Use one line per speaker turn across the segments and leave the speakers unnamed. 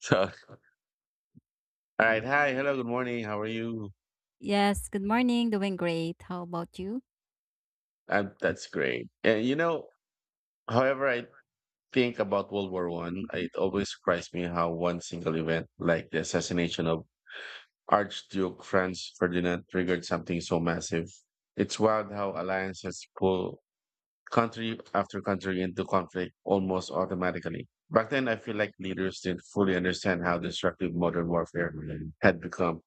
So, all right. Hi. Hello. Good morning. How are you?
Yes, good morning. Doing great. How about you?
That's great. And you know, however, I think about World War One, it always surprised me how one single event, like the assassination of Archduke Franz Ferdinand, triggered something so massive. It's wild how alliances pull country after country into conflict almost automatically. Back then, I feel like leaders didn't fully understand how destructive modern warfare had become.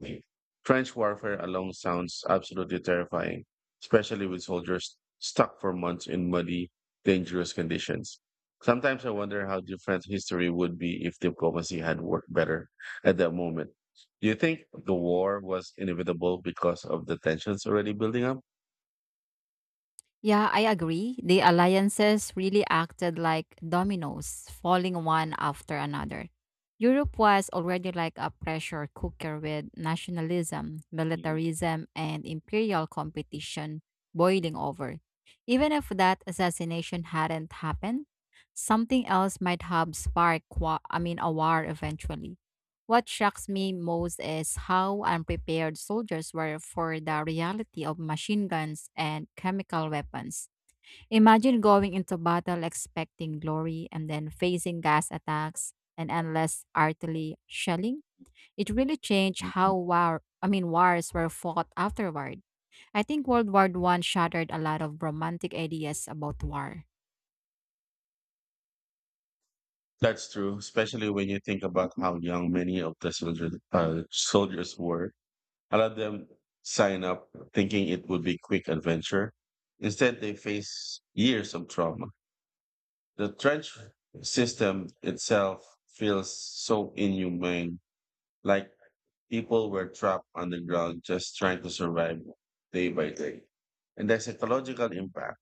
Trench warfare alone sounds absolutely terrifying, especially with soldiers stuck for months in muddy, dangerous conditions. Sometimes I wonder how different history would be if diplomacy had worked better at that moment. Do you think the war was inevitable because of the tensions already building up?
Yeah, I agree. The alliances really acted like dominoes, falling one after another. Europe was already like a pressure cooker with nationalism, militarism, and imperial competition boiling over. Even if that assassination hadn't happened, something else might have sparked, a war eventually. What shocks me most is how unprepared soldiers were for the reality of machine guns and chemical weapons. Imagine going into battle expecting glory and then facing gas attacks and endless artillery shelling. It really changed how wars were fought afterward. I think World War One shattered a lot of romantic ideas about war.
That's true, especially when you think about how young many of the soldiers were. A lot of them sign up thinking it would be quick adventure. Instead, they face years of trauma. The trench system itself feels so inhumane, like people were trapped underground just trying to survive day by day. And the psychological impact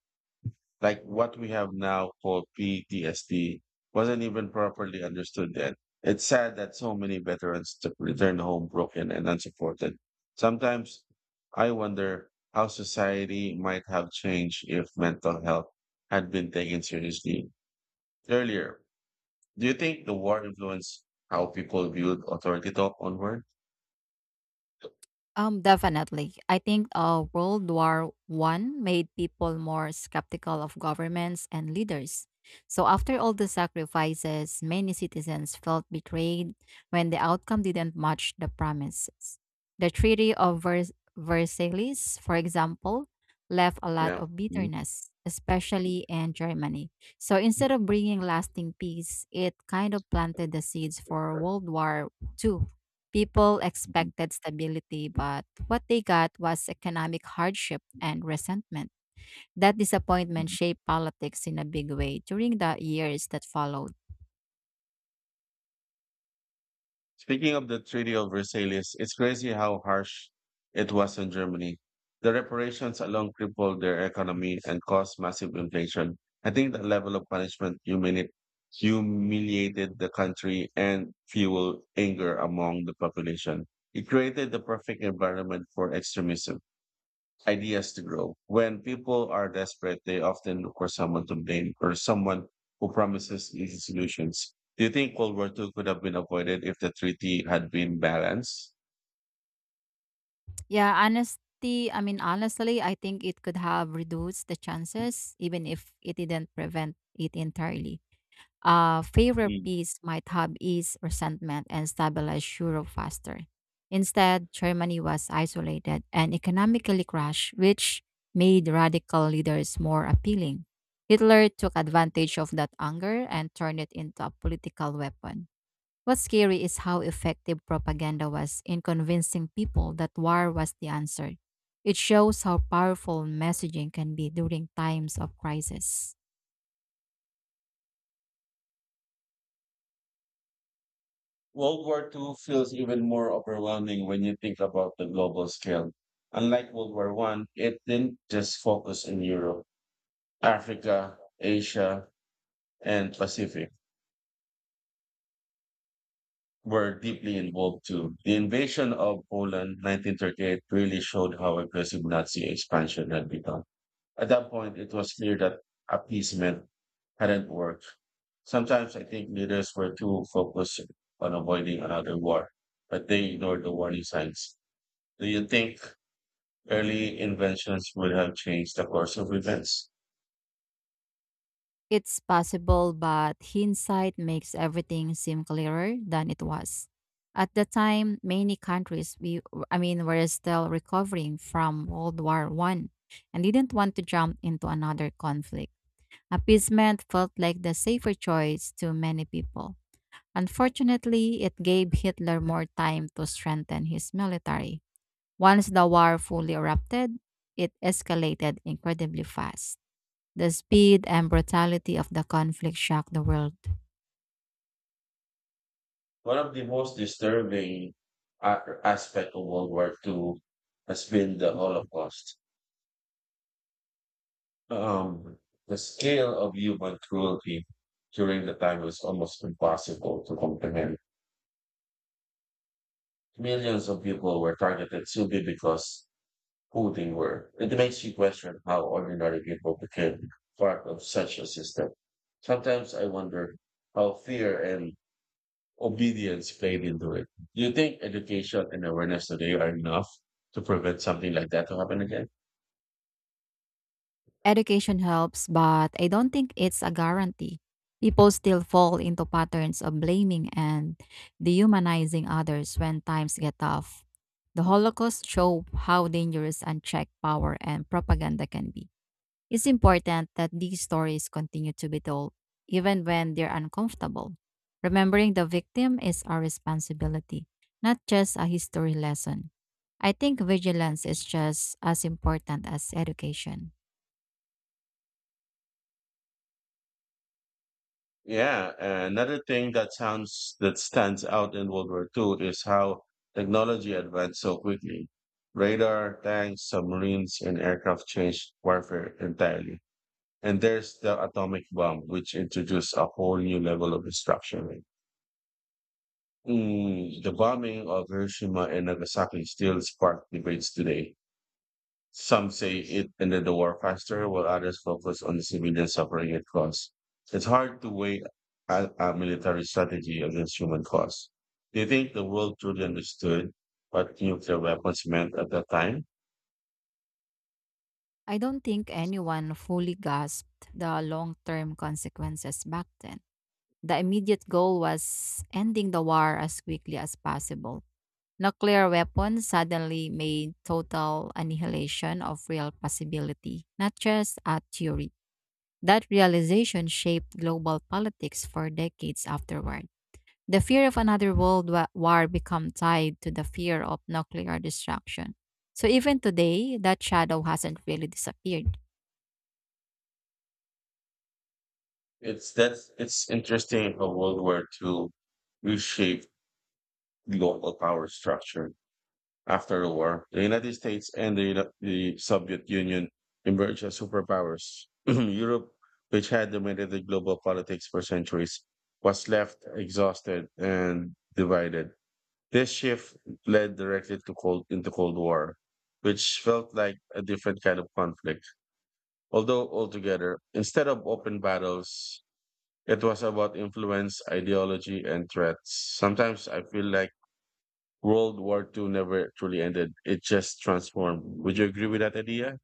like what we have now called PTSD wasn't even properly understood then. It's sad that so many return home broken and unsupported. Sometimes I wonder how society might have changed if mental health had been taken seriously earlier. Do you think the war influenced how people viewed authority talk onward?
Definitely. I think World War One made people more skeptical of governments and leaders. So after all the sacrifices, many citizens felt betrayed when the outcome didn't match the promises. The Treaty of Versailles, for example, left a lot
Yeah.
of
Mhm.
bitterness, especially in Germany. So instead of bringing lasting peace, it kind of planted the seeds for World War Two. People expected stability, but what they got was economic hardship and resentment. That disappointment
Mhm.
shaped politics in a big way during the years that followed.
Speaking of the Treaty of Versailles, it's crazy how harsh it was on Germany. The reparations alone crippled their economy and caused massive inflation. I think the level of humiliated the country and fueled anger among the population. It created the perfect environment for extremism ideas to grow. When people are desperate, they often look for someone to blame or someone who promises easy solutions. Do you think World War II could have been avoided if the treaty had been balanced?
Honestly, I think it could have reduced the chances, even if it didn't prevent it entirely. Favorite
Mm.
piece might have ease resentment and stabilize Europe faster. Instead, Germany was isolated and economically crushed, which made radical leaders more appealing. Hitler took advantage of that anger and turned it into a political weapon. What's scary is how effective propaganda was in convincing people that war was the answer. It shows how powerful messaging can be during times of crisis.
World War II feels even more overwhelming when you think about the global scale. Unlike World War One, it didn't just focus in Europe, Africa, Asia, and Pacific were deeply involved too. The invasion of Poland 1938 really showed how aggressive Nazi expansion had become. At that point, it was clear that appeasement hadn't worked. Sometimes I think leaders were too focused on avoiding another war, but they ignored the warning signs. Do you think early inventions would have changed the course of events?
It's possible, but hindsight makes everything seem clearer than it was. At the time, many countries we I mean were still recovering from World War One and didn't want to jump into another conflict. Appeasement felt like the safer choice to many people. Unfortunately, it gave Hitler more time to strengthen his military. Once the war fully erupted, it escalated incredibly fast. The speed and brutality of the conflict shocked the world.
One of the most aspect of World War Two has been the Holocaust. Um, the scale of human cruelty during the time was almost impossible to comprehend. Millions of people were targeted simply because who they were. It makes you question how ordinary people became part of such a system. Sometimes I wonder how fear and obedience played into it. Do you think education and awareness today are enough to prevent something like that to happen again?
Education helps, but I don't think it's a guarantee. People still fall into patterns of blaming and dehumanizing others when times get tough. The Holocaust showed how dangerous unchecked power and propaganda can be. It's important that these stories continue to be told, even when they're uncomfortable. Remembering the victim is our responsibility, not just a history lesson. I think vigilance is just as important as education.
Yeah, another thing that sounds that stands out in World War II is how technology advanced so quickly. Radar, tanks, submarines, and aircraft changed warfare entirely. And there's the atomic bomb, which introduced a whole new level of destruction. Mm, the bombing of Hiroshima and Nagasaki still sparks debates today. Some say it ended the war faster, while others focus on the civilian suffering it caused. It's hard to weigh a military strategy against human costs. Do you think the world truly understood what nuclear weapons meant at that time?
I don't think anyone fully grasped the long term consequences back then. The immediate goal was ending the war as quickly as possible. Nuclear weapons suddenly made total annihilation of real possibility, not just a theory. That realization shaped global politics for decades afterward. The fear of another war became tied to the fear of nuclear destruction. So even today, that shadow hasn't really disappeared.
It's interesting how World War II reshaped the global power structure. After the war, the United States and the Soviet Union emerged as superpowers. Europe, which had dominated global politics for centuries, was left exhausted and divided. This shift led directly to Cold War, which felt like a different kind of conflict. Although altogether, instead of open battles, it was about influence, ideology, and threats. Sometimes I feel like World War II never truly ended. It just transformed. Would you agree with that idea?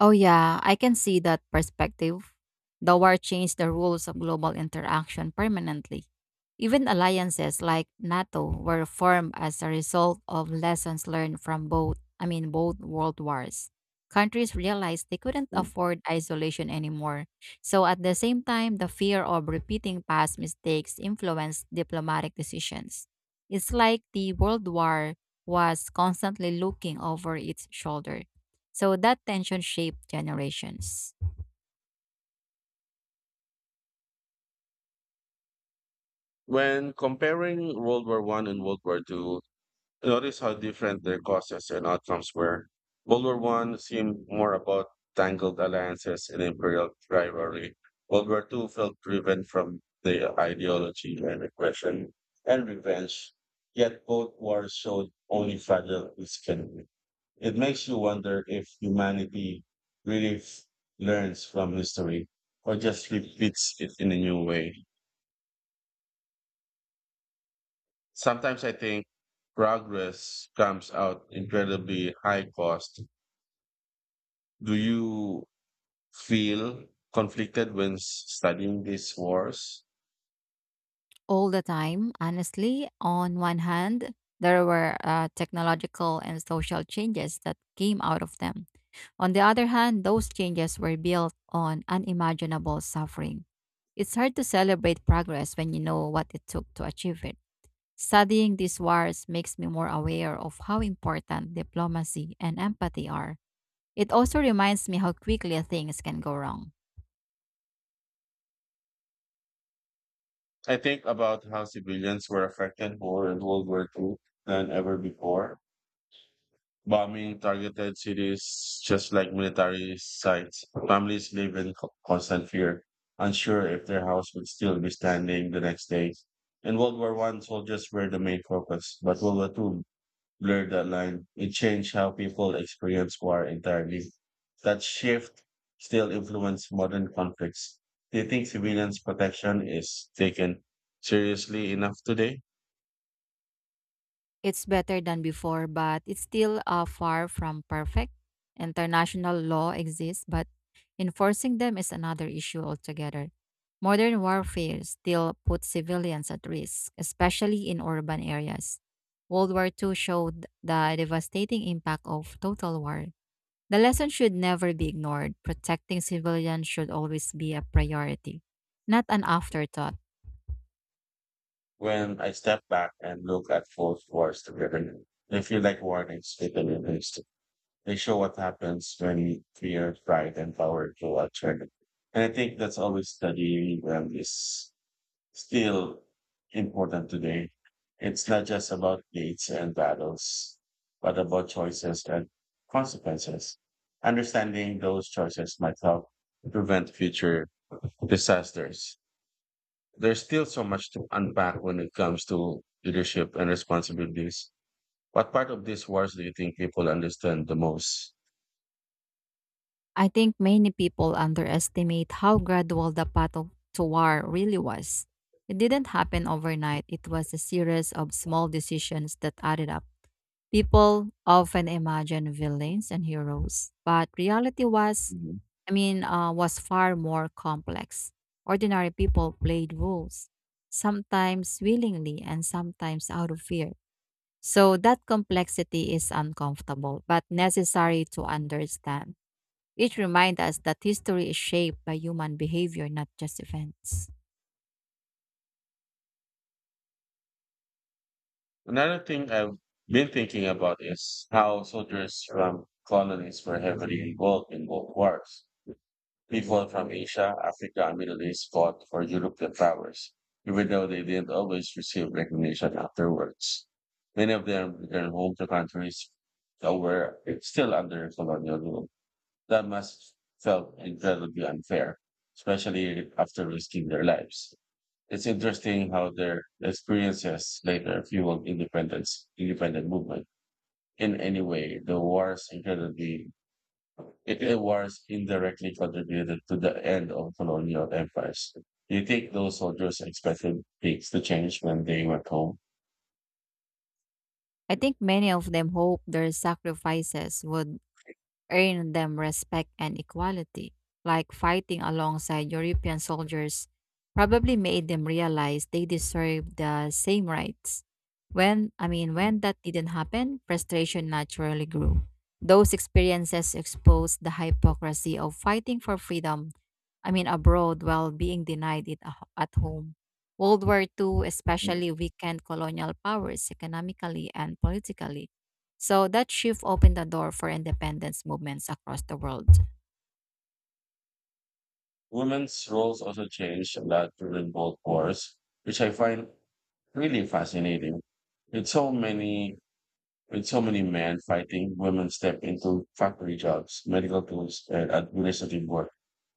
Oh, yeah, I can see that perspective. The war changed the rules of global interaction permanently. Even alliances like NATO were formed as a result of lessons learned from both world wars. Countries realized they couldn't
Mm.
afford isolation anymore. So, at the same time, the fear of repeating past mistakes influenced diplomatic decisions. It's like the world war was constantly looking over its shoulder so that tension shaped generations.
When comparing World War One and World War Two, notice how different their causes and outcomes were. World War One seemed more about tangled alliances and imperial rivalry. World War Two felt driven from the ideology and aggression and revenge. Yet both wars showed only fragile it can be. It makes you wonder if humanity really f- learns from history or just repeats it in a new way. Sometimes I think progress comes out incredibly high cost. Do you feel conflicted when studying these wars?
All the time, honestly, on one hand, there were technological and social changes that came out of them. On the other hand, those changes were built on unimaginable suffering. It's hard to celebrate progress when you know what it took to achieve it. Studying these wars makes me more aware of how important diplomacy and empathy are. It also reminds me how quickly things can go wrong.
I think about how civilians were affected more in World War II than ever before. Bombing targeted cities just like military sites. Families live in constant fear, unsure if their house would still be standing the next day. In World War One, soldiers were the main focus, but World War Two blurred that line. It changed how people experience war entirely. That shift still influences modern conflicts. Do you think civilians' protection is taken seriously enough today?
It's better than before, but it's still far from perfect. International law exists, but enforcing them is another issue altogether. Modern warfare still puts civilians at risk, especially in urban areas. World War II showed the devastating impact of total war. The lesson should never be ignored. Protecting civilians should always be a priority, not an afterthought.
When I step back and look at both wars together, they feel like warnings written in history. They show what happens when fear, pride, and power go out. And I think that's always the is still important today. It's not just about dates and battles, but about choices and consequences. Understanding those choices might help prevent future disasters. There's still so much to unpack when it comes to leadership and responsibilities. What part of these wars do you think people understand the most?
I think many people underestimate how gradual the to war really was. It didn't happen overnight, it was a series of small decisions that added up. People often imagine villains and heroes, but reality was,
Mhm.
I mean, was far more complex. Ordinary people played roles, sometimes willingly and sometimes out of fear. So that complexity is uncomfortable, but necessary to understand. It reminds us that history is shaped by human behavior, not just events.
Another thing I've been thinking about is how soldiers from colonies were heavily involved in both wars. People from Asia, Africa, and Middle East fought for European powers, even though they didn't always receive recognition afterwards. Many of them returned home to countries that were still under colonial rule. That must felt incredibly unfair, especially after risking their lives. It's interesting how their experiences later fueled independent movement. In any way, the wars incredibly it wars indirectly contributed to the end of colonial empires. Do you think those soldiers expected things to change when they went home?
I think many of them hope their sacrifices would earn them respect and equality, like fighting alongside European soldiers probably made them realize they deserve the same rights. When I mean When that didn't happen, frustration naturally grew. Those experiences exposed the hypocrisy of fighting for freedom abroad while being denied it at home. World War II especially weakened colonial powers economically and politically so that shift opened the door for independence movements across the world.
Women's roles also changed a lot during both wars, which I find really fascinating. With so many, with so many men fighting, women step into factory jobs, medical tools, and administrative work.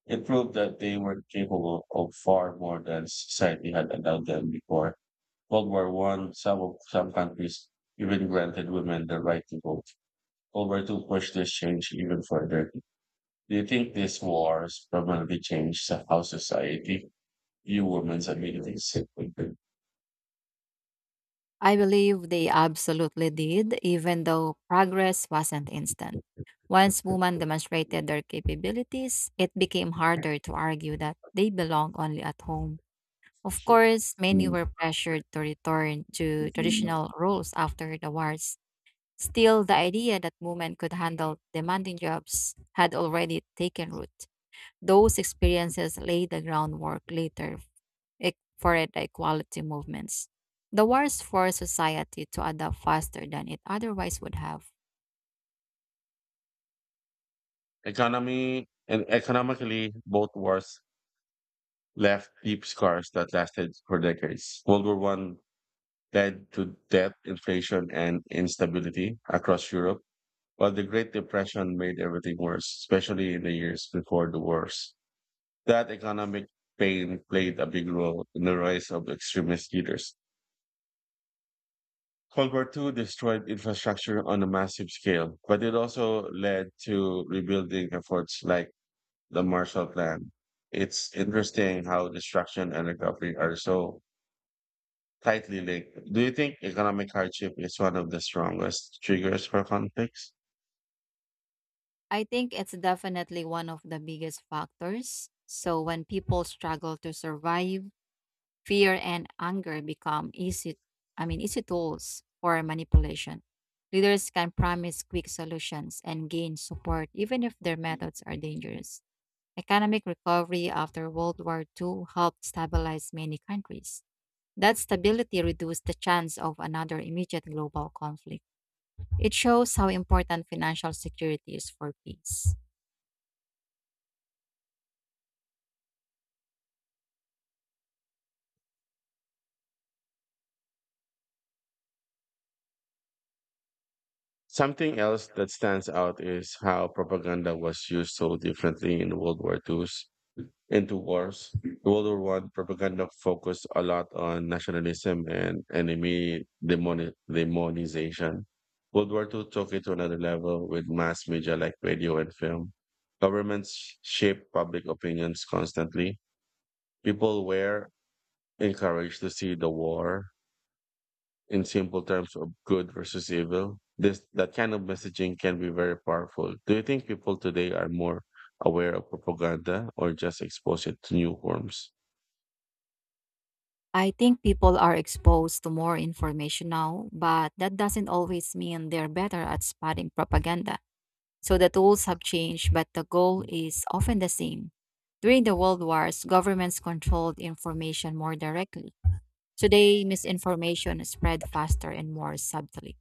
It proved that they were capable of far more than society had allowed them before. World War One, some countries even granted women the right to vote. World War Two pushed this change even further. Do you think this war has permanently changed how society view women's abilities?
I believe they absolutely did, even though progress wasn't instant. Once women demonstrated their capabilities, it became harder to argue that they belong only at home. Of course, many were pressured to return to
Mm.
traditional roles after the wars. Still, the idea that women could handle demanding jobs had already taken root those experiences laid the groundwork later for the equality movements. The wars forced society to adapt faster than it otherwise would have.
Economy and economically, both wars left deep scars that lasted for decades. World War One led to debt, inflation, and instability across Europe, while the Great Depression made everything worse, especially in the years before the wars. That economic pain played a big role in the rise of extremist leaders. World War Two destroyed infrastructure on a massive scale, but it also led to rebuilding efforts like the Marshall Plan. It's interesting how destruction and recovery are so tightly linked. Do you think economic hardship is one of the strongest triggers for conflicts?
I think it's definitely one of the biggest factors. So when people struggle to survive, fear and anger become easy I mean easy tools for manipulation. Leaders can promise quick solutions and gain support even if their methods are dangerous. Economic recovery after World War Two helped stabilize many countries. That stability reduced the chance of another immediate global conflict. It shows how important financial security is for peace.
Something else that stands out is how propaganda was used so differently in World War II into wars. World War One propaganda focused a lot on nationalism and demonization. World War Two took it to another level with mass media like radio and film. Governments shape public opinions constantly. People were encouraged to see the war in simple terms of good versus evil. This that kind of messaging can be very powerful. Do you think people today are more aware of propaganda or just exposed to new forms?
I think people are exposed to more information now, but that doesn't always mean they're better at spotting propaganda. So the tools have changed, but the goal is often the same. During the World Wars, governments controlled information more directly. Today, misinformation is spread faster and more subtly.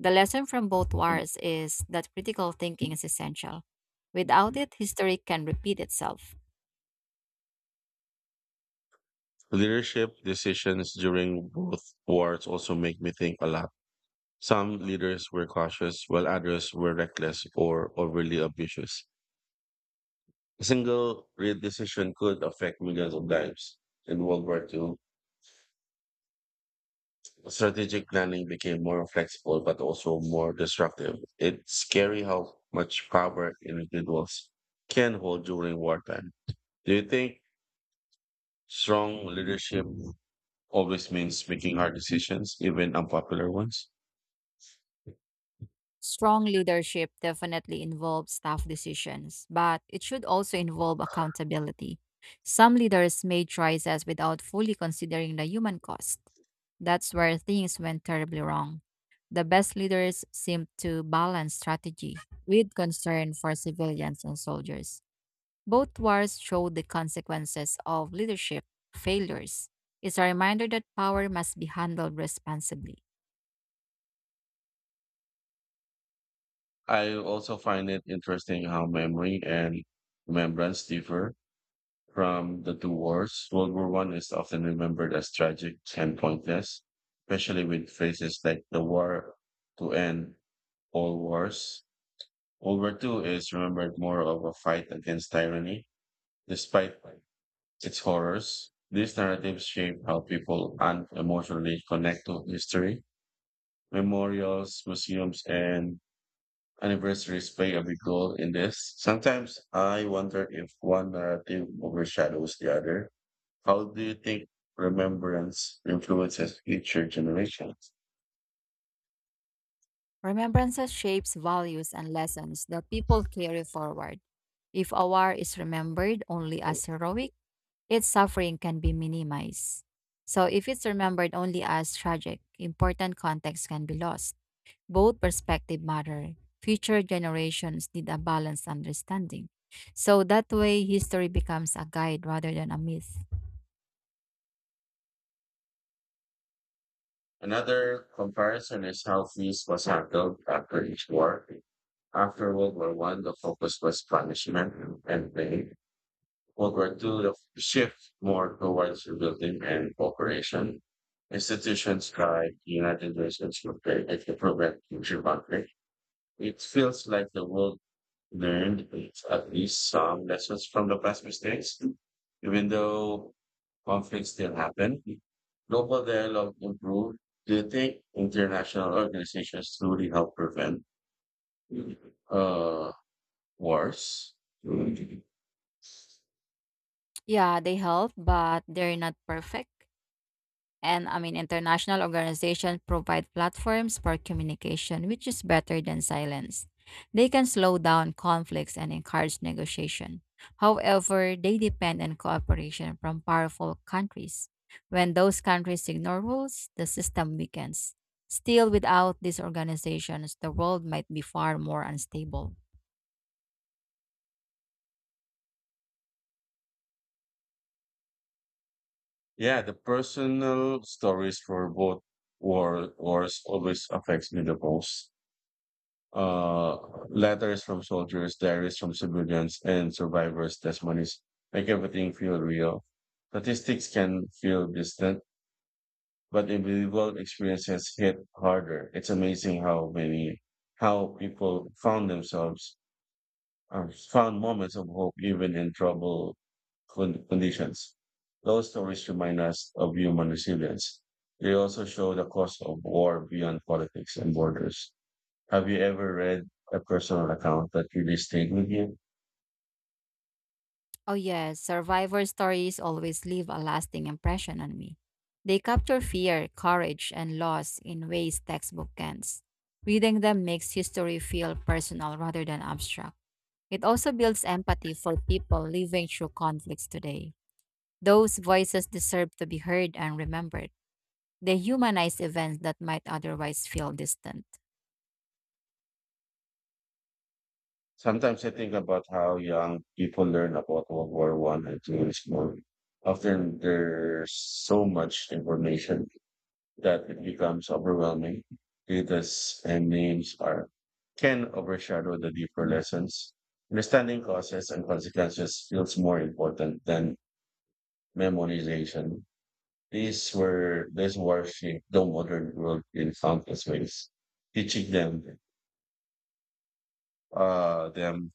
The lesson from both
Mm.
wars is that critical thinking is essential. Without it, history can repeat itself.
Leadership decisions during both wars also make me think a lot. Some leaders were cautious, while others were reckless or overly ambitious. A single great decision could affect millions of lives. In World War II, strategic planning became more flexible but also more disruptive. It's scary how much power individuals can hold during wartime. Do you think strong leadership always means making hard decisions, even unpopular ones?
Strong leadership definitely involves tough decisions, but it should also involve accountability. Some leaders made choices without fully considering the human cost. That's where things went terribly wrong. The best leaders seem to balance strategy with concern for civilians and soldiers. Both wars showed the consequences of leadership failures. It's a reminder that power must be handled responsibly.
I also find it interesting how memory and remembrance differ from the two wars. World War One is often remembered as tragic and pointless, especially with phrases like the war to end all wars. World War Two is remembered more of a fight against tyranny, despite its horrors. These narratives shape how people and emotionally connect to history. Memorials, museums, and anniversaries play a big role in this. Sometimes I wonder if one narrative overshadows the other. How do you think remembrance influences future generations?
Remembrances shapes values and lessons that people carry forward. If a war is remembered only as heroic, its suffering can be minimized. So if it's remembered only as tragic, important context can be lost. Both perspective matter. Future generations need a balanced understanding. So that way history becomes a guide rather than a myth.
Another comparison is how peace was handled after each war. After World War One, the focus was punishment and pain. World War Two, the shift more towards rebuilding and cooperation. Institutions tried, United Nations were created to prevent future conflict. It feels like the world learned at least some lessons from the past mistakes, even though conflicts still happen. Global dialogue improved. Do you think international organizations truly help prevent uh, wars?
Yeah, they help, but they're not perfect. And I mean International organizations provide platforms for communication, which is better than silence. They can slow down conflicts and encourage negotiation. However, they depend on cooperation from powerful countries. When those countries ignore rules, the system weakens. Still, without these organizations, the world might be far more unstable.
Yeah, the personal stories for both wars always affects me the most. uh, Letters from soldiers, diaries from civilians, and survivors' testimonies make everything feel real. Statistics can feel distant, but individual experiences hit harder. It's amazing how people found themselves, found moments of hope even in trouble conditions. Those stories remind us of human resilience. They also show the cost of war beyond politics and borders. Have you ever read a personal account that really stayed with you?
Oh, yes, survivor stories always leave a lasting impression on me. They capture fear, courage, and loss in ways textbook can't. Reading them makes history feel personal rather than abstract. It also builds empathy for people living through conflicts today. Those voices deserve to be heard and remembered. They humanize events that might otherwise feel distant.
Sometimes I think about how young people learn about World War One and Two in school. Often there's so much information that it becomes overwhelming. Data's and names are can overshadow the deeper lessons. Understanding causes and consequences feels more important than memorization. These wars shaped the modern world in countless ways teaching them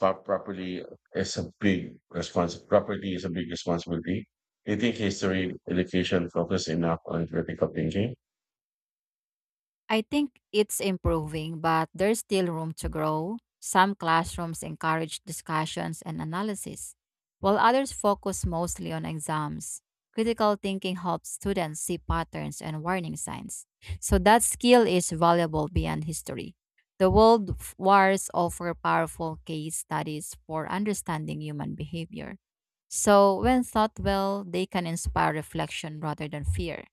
but properly is a big responsibility. Do you think history education focus enough on critical thinking?
I think it's improving, but there's still room to grow. Some classrooms encourage discussions and analysis, while others focus mostly on exams. Critical thinking helps students see patterns and warning signs. So that skill is valuable beyond history. The wars offer powerful case studies for understanding human behavior. So when thought well, they can inspire reflection rather than fear.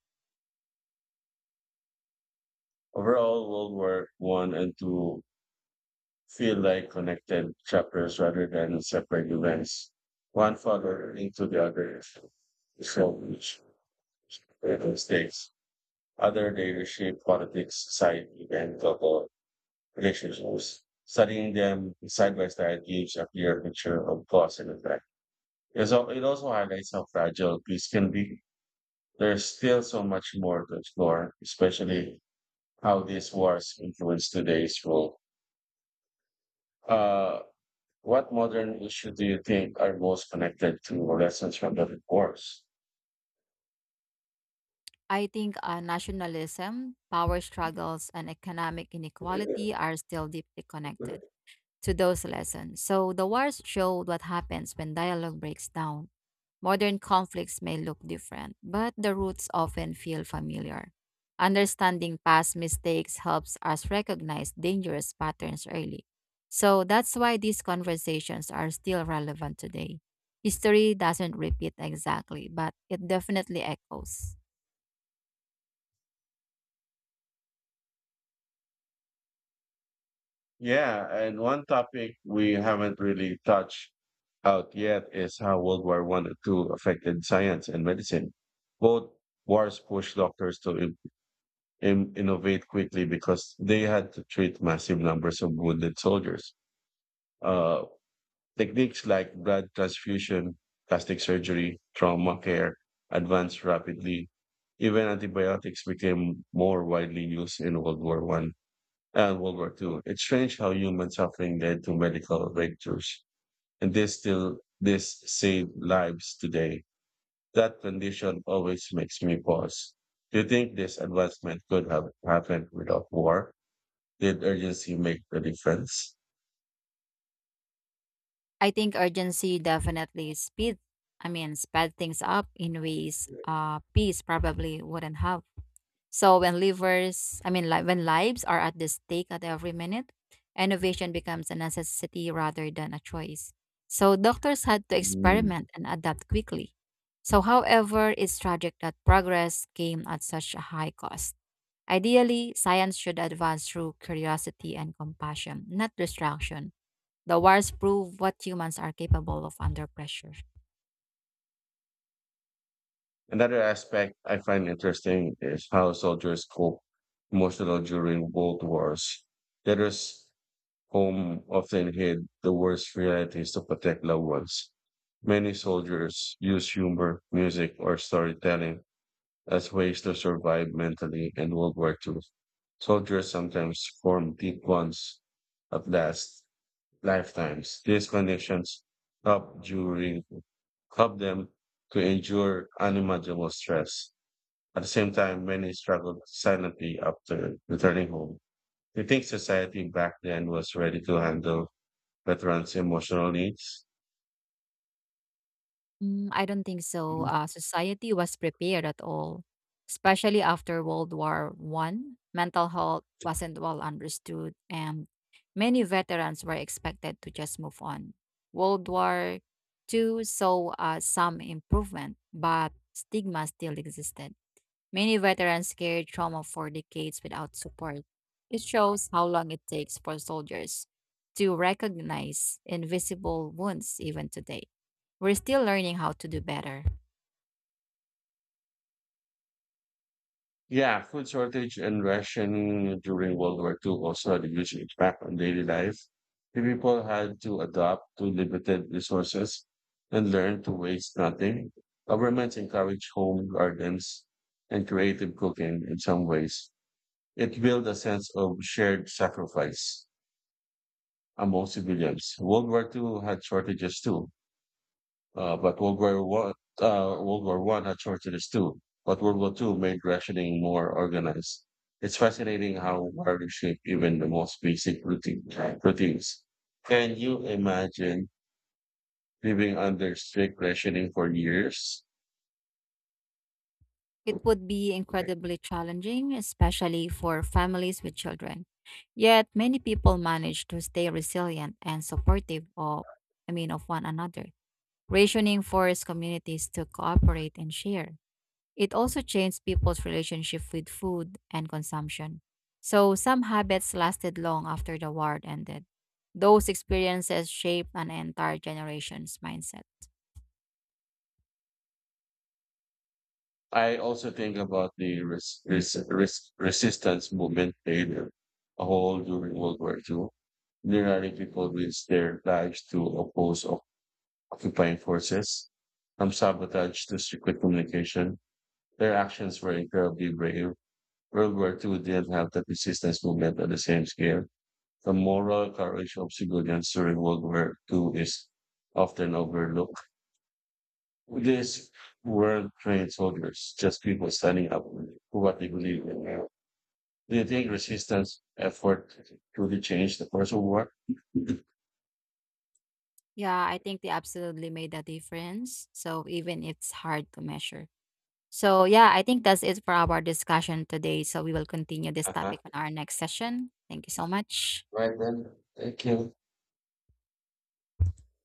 Overall, World War One and Two feel like connected chapters rather than separate events. One followed into the other so which mistakes. Other they reshape politics, society, and global relationships. Studying them side by side gives a clear picture of cause and effect. It also highlights how fragile peace can be. There's still so much more to explore, especially how these wars influence today's world. Uh, what modern issue do you think are most connected to lessons from the wars?
I think nationalism, power struggles, and economic inequality are still deeply connected to those lessons. So the wars showed what happens when dialogue breaks down. Modern conflicts may look different, but the roots often feel familiar. Understanding past mistakes helps us recognize dangerous patterns early. So that's why these conversations are still relevant today. History doesn't repeat exactly, but it definitely echoes.
Yeah, and one topic we haven't really touched out yet is how World War One and Two affected science and medicine. Both wars pushed doctors to innovate quickly because they had to treat massive numbers of wounded soldiers. Uh, Techniques like blood transfusion, plastic surgery, trauma care advanced rapidly. Even antibiotics became more widely used in World War One and World War Two. It's strange how human suffering led to medical breakthroughs, and this saved lives today. That condition always makes me pause. Do you think this advancement could have happened without war? Did urgency make the difference?
I think urgency definitely sped things up in ways peace probably wouldn't have. So when livers, I mean, li- when lives are at the stake at every minute, innovation becomes a necessity rather than a choice. So doctors had to
Mm.
experiment and adapt quickly. So, however, it's tragic that progress came at such a high cost. Ideally, science should advance through curiosity and compassion, not distraction. The wars prove what humans are capable of under pressure.
Another aspect I find interesting is how soldiers cope emotional during both wars. Letters home often hid the worst realities to protect loved ones. Many soldiers use humor, music, or storytelling as ways to survive mentally in World War II. Soldiers sometimes form deep bonds at last, lifetimes. These conditions help during help them to endure unimaginable stress. At the same time, many struggled silently after returning home. Do you think society back then was ready to handle veterans' emotional needs?
I don't think so. Society was prepared at all, especially after World War One. Mental health wasn't well understood, and many veterans were expected to just move on. World War Two saw some improvement, but stigma still existed. Many veterans carry trauma for decades without support. It shows how long it takes for soldiers to recognize invisible wounds even today. We're still learning how to do better.
Yeah, food shortage and ration during World War II also had a huge impact on daily life. The people had to adapt to limited resources and learn to waste nothing. Governments encouraged home gardens and creative cooking in some ways. It built a sense of shared sacrifice among civilians. World War II had shortages too, but World War One had shortages too. But World War Two made rationing more organized. It's fascinating how war reshaped even the most basic routines. Can you imagine living under strict rationing for years?
It would be incredibly challenging, especially for families with children. Yet many people manage to stay resilient and supportive of I mean of one another. Rationing forced communities to cooperate and share. It also changed people's relationship with food and consumption. So some habits lasted long after the war ended. Those experiences shaped an entire generation's mindset.
I also think about the resistance movement played a whole during World War Two. Literally, people risked their lives to oppose occupying forces from sabotage to secret communication. Their actions were incredibly brave. World War Two didn't have the resistance movement on the same scale. The moral courage of civilians during World War Two is often overlooked. These weren't trained soldiers, just people standing up for what they believe in. Do you think resistance effort truly changed the course of war?
Yeah, I think they absolutely made a difference. So even it's hard to measure. So yeah, I think that's it for our discussion today. So we will continue this
Uh-huh.
topic on our next session. Thank you so much.
Right then, thank you.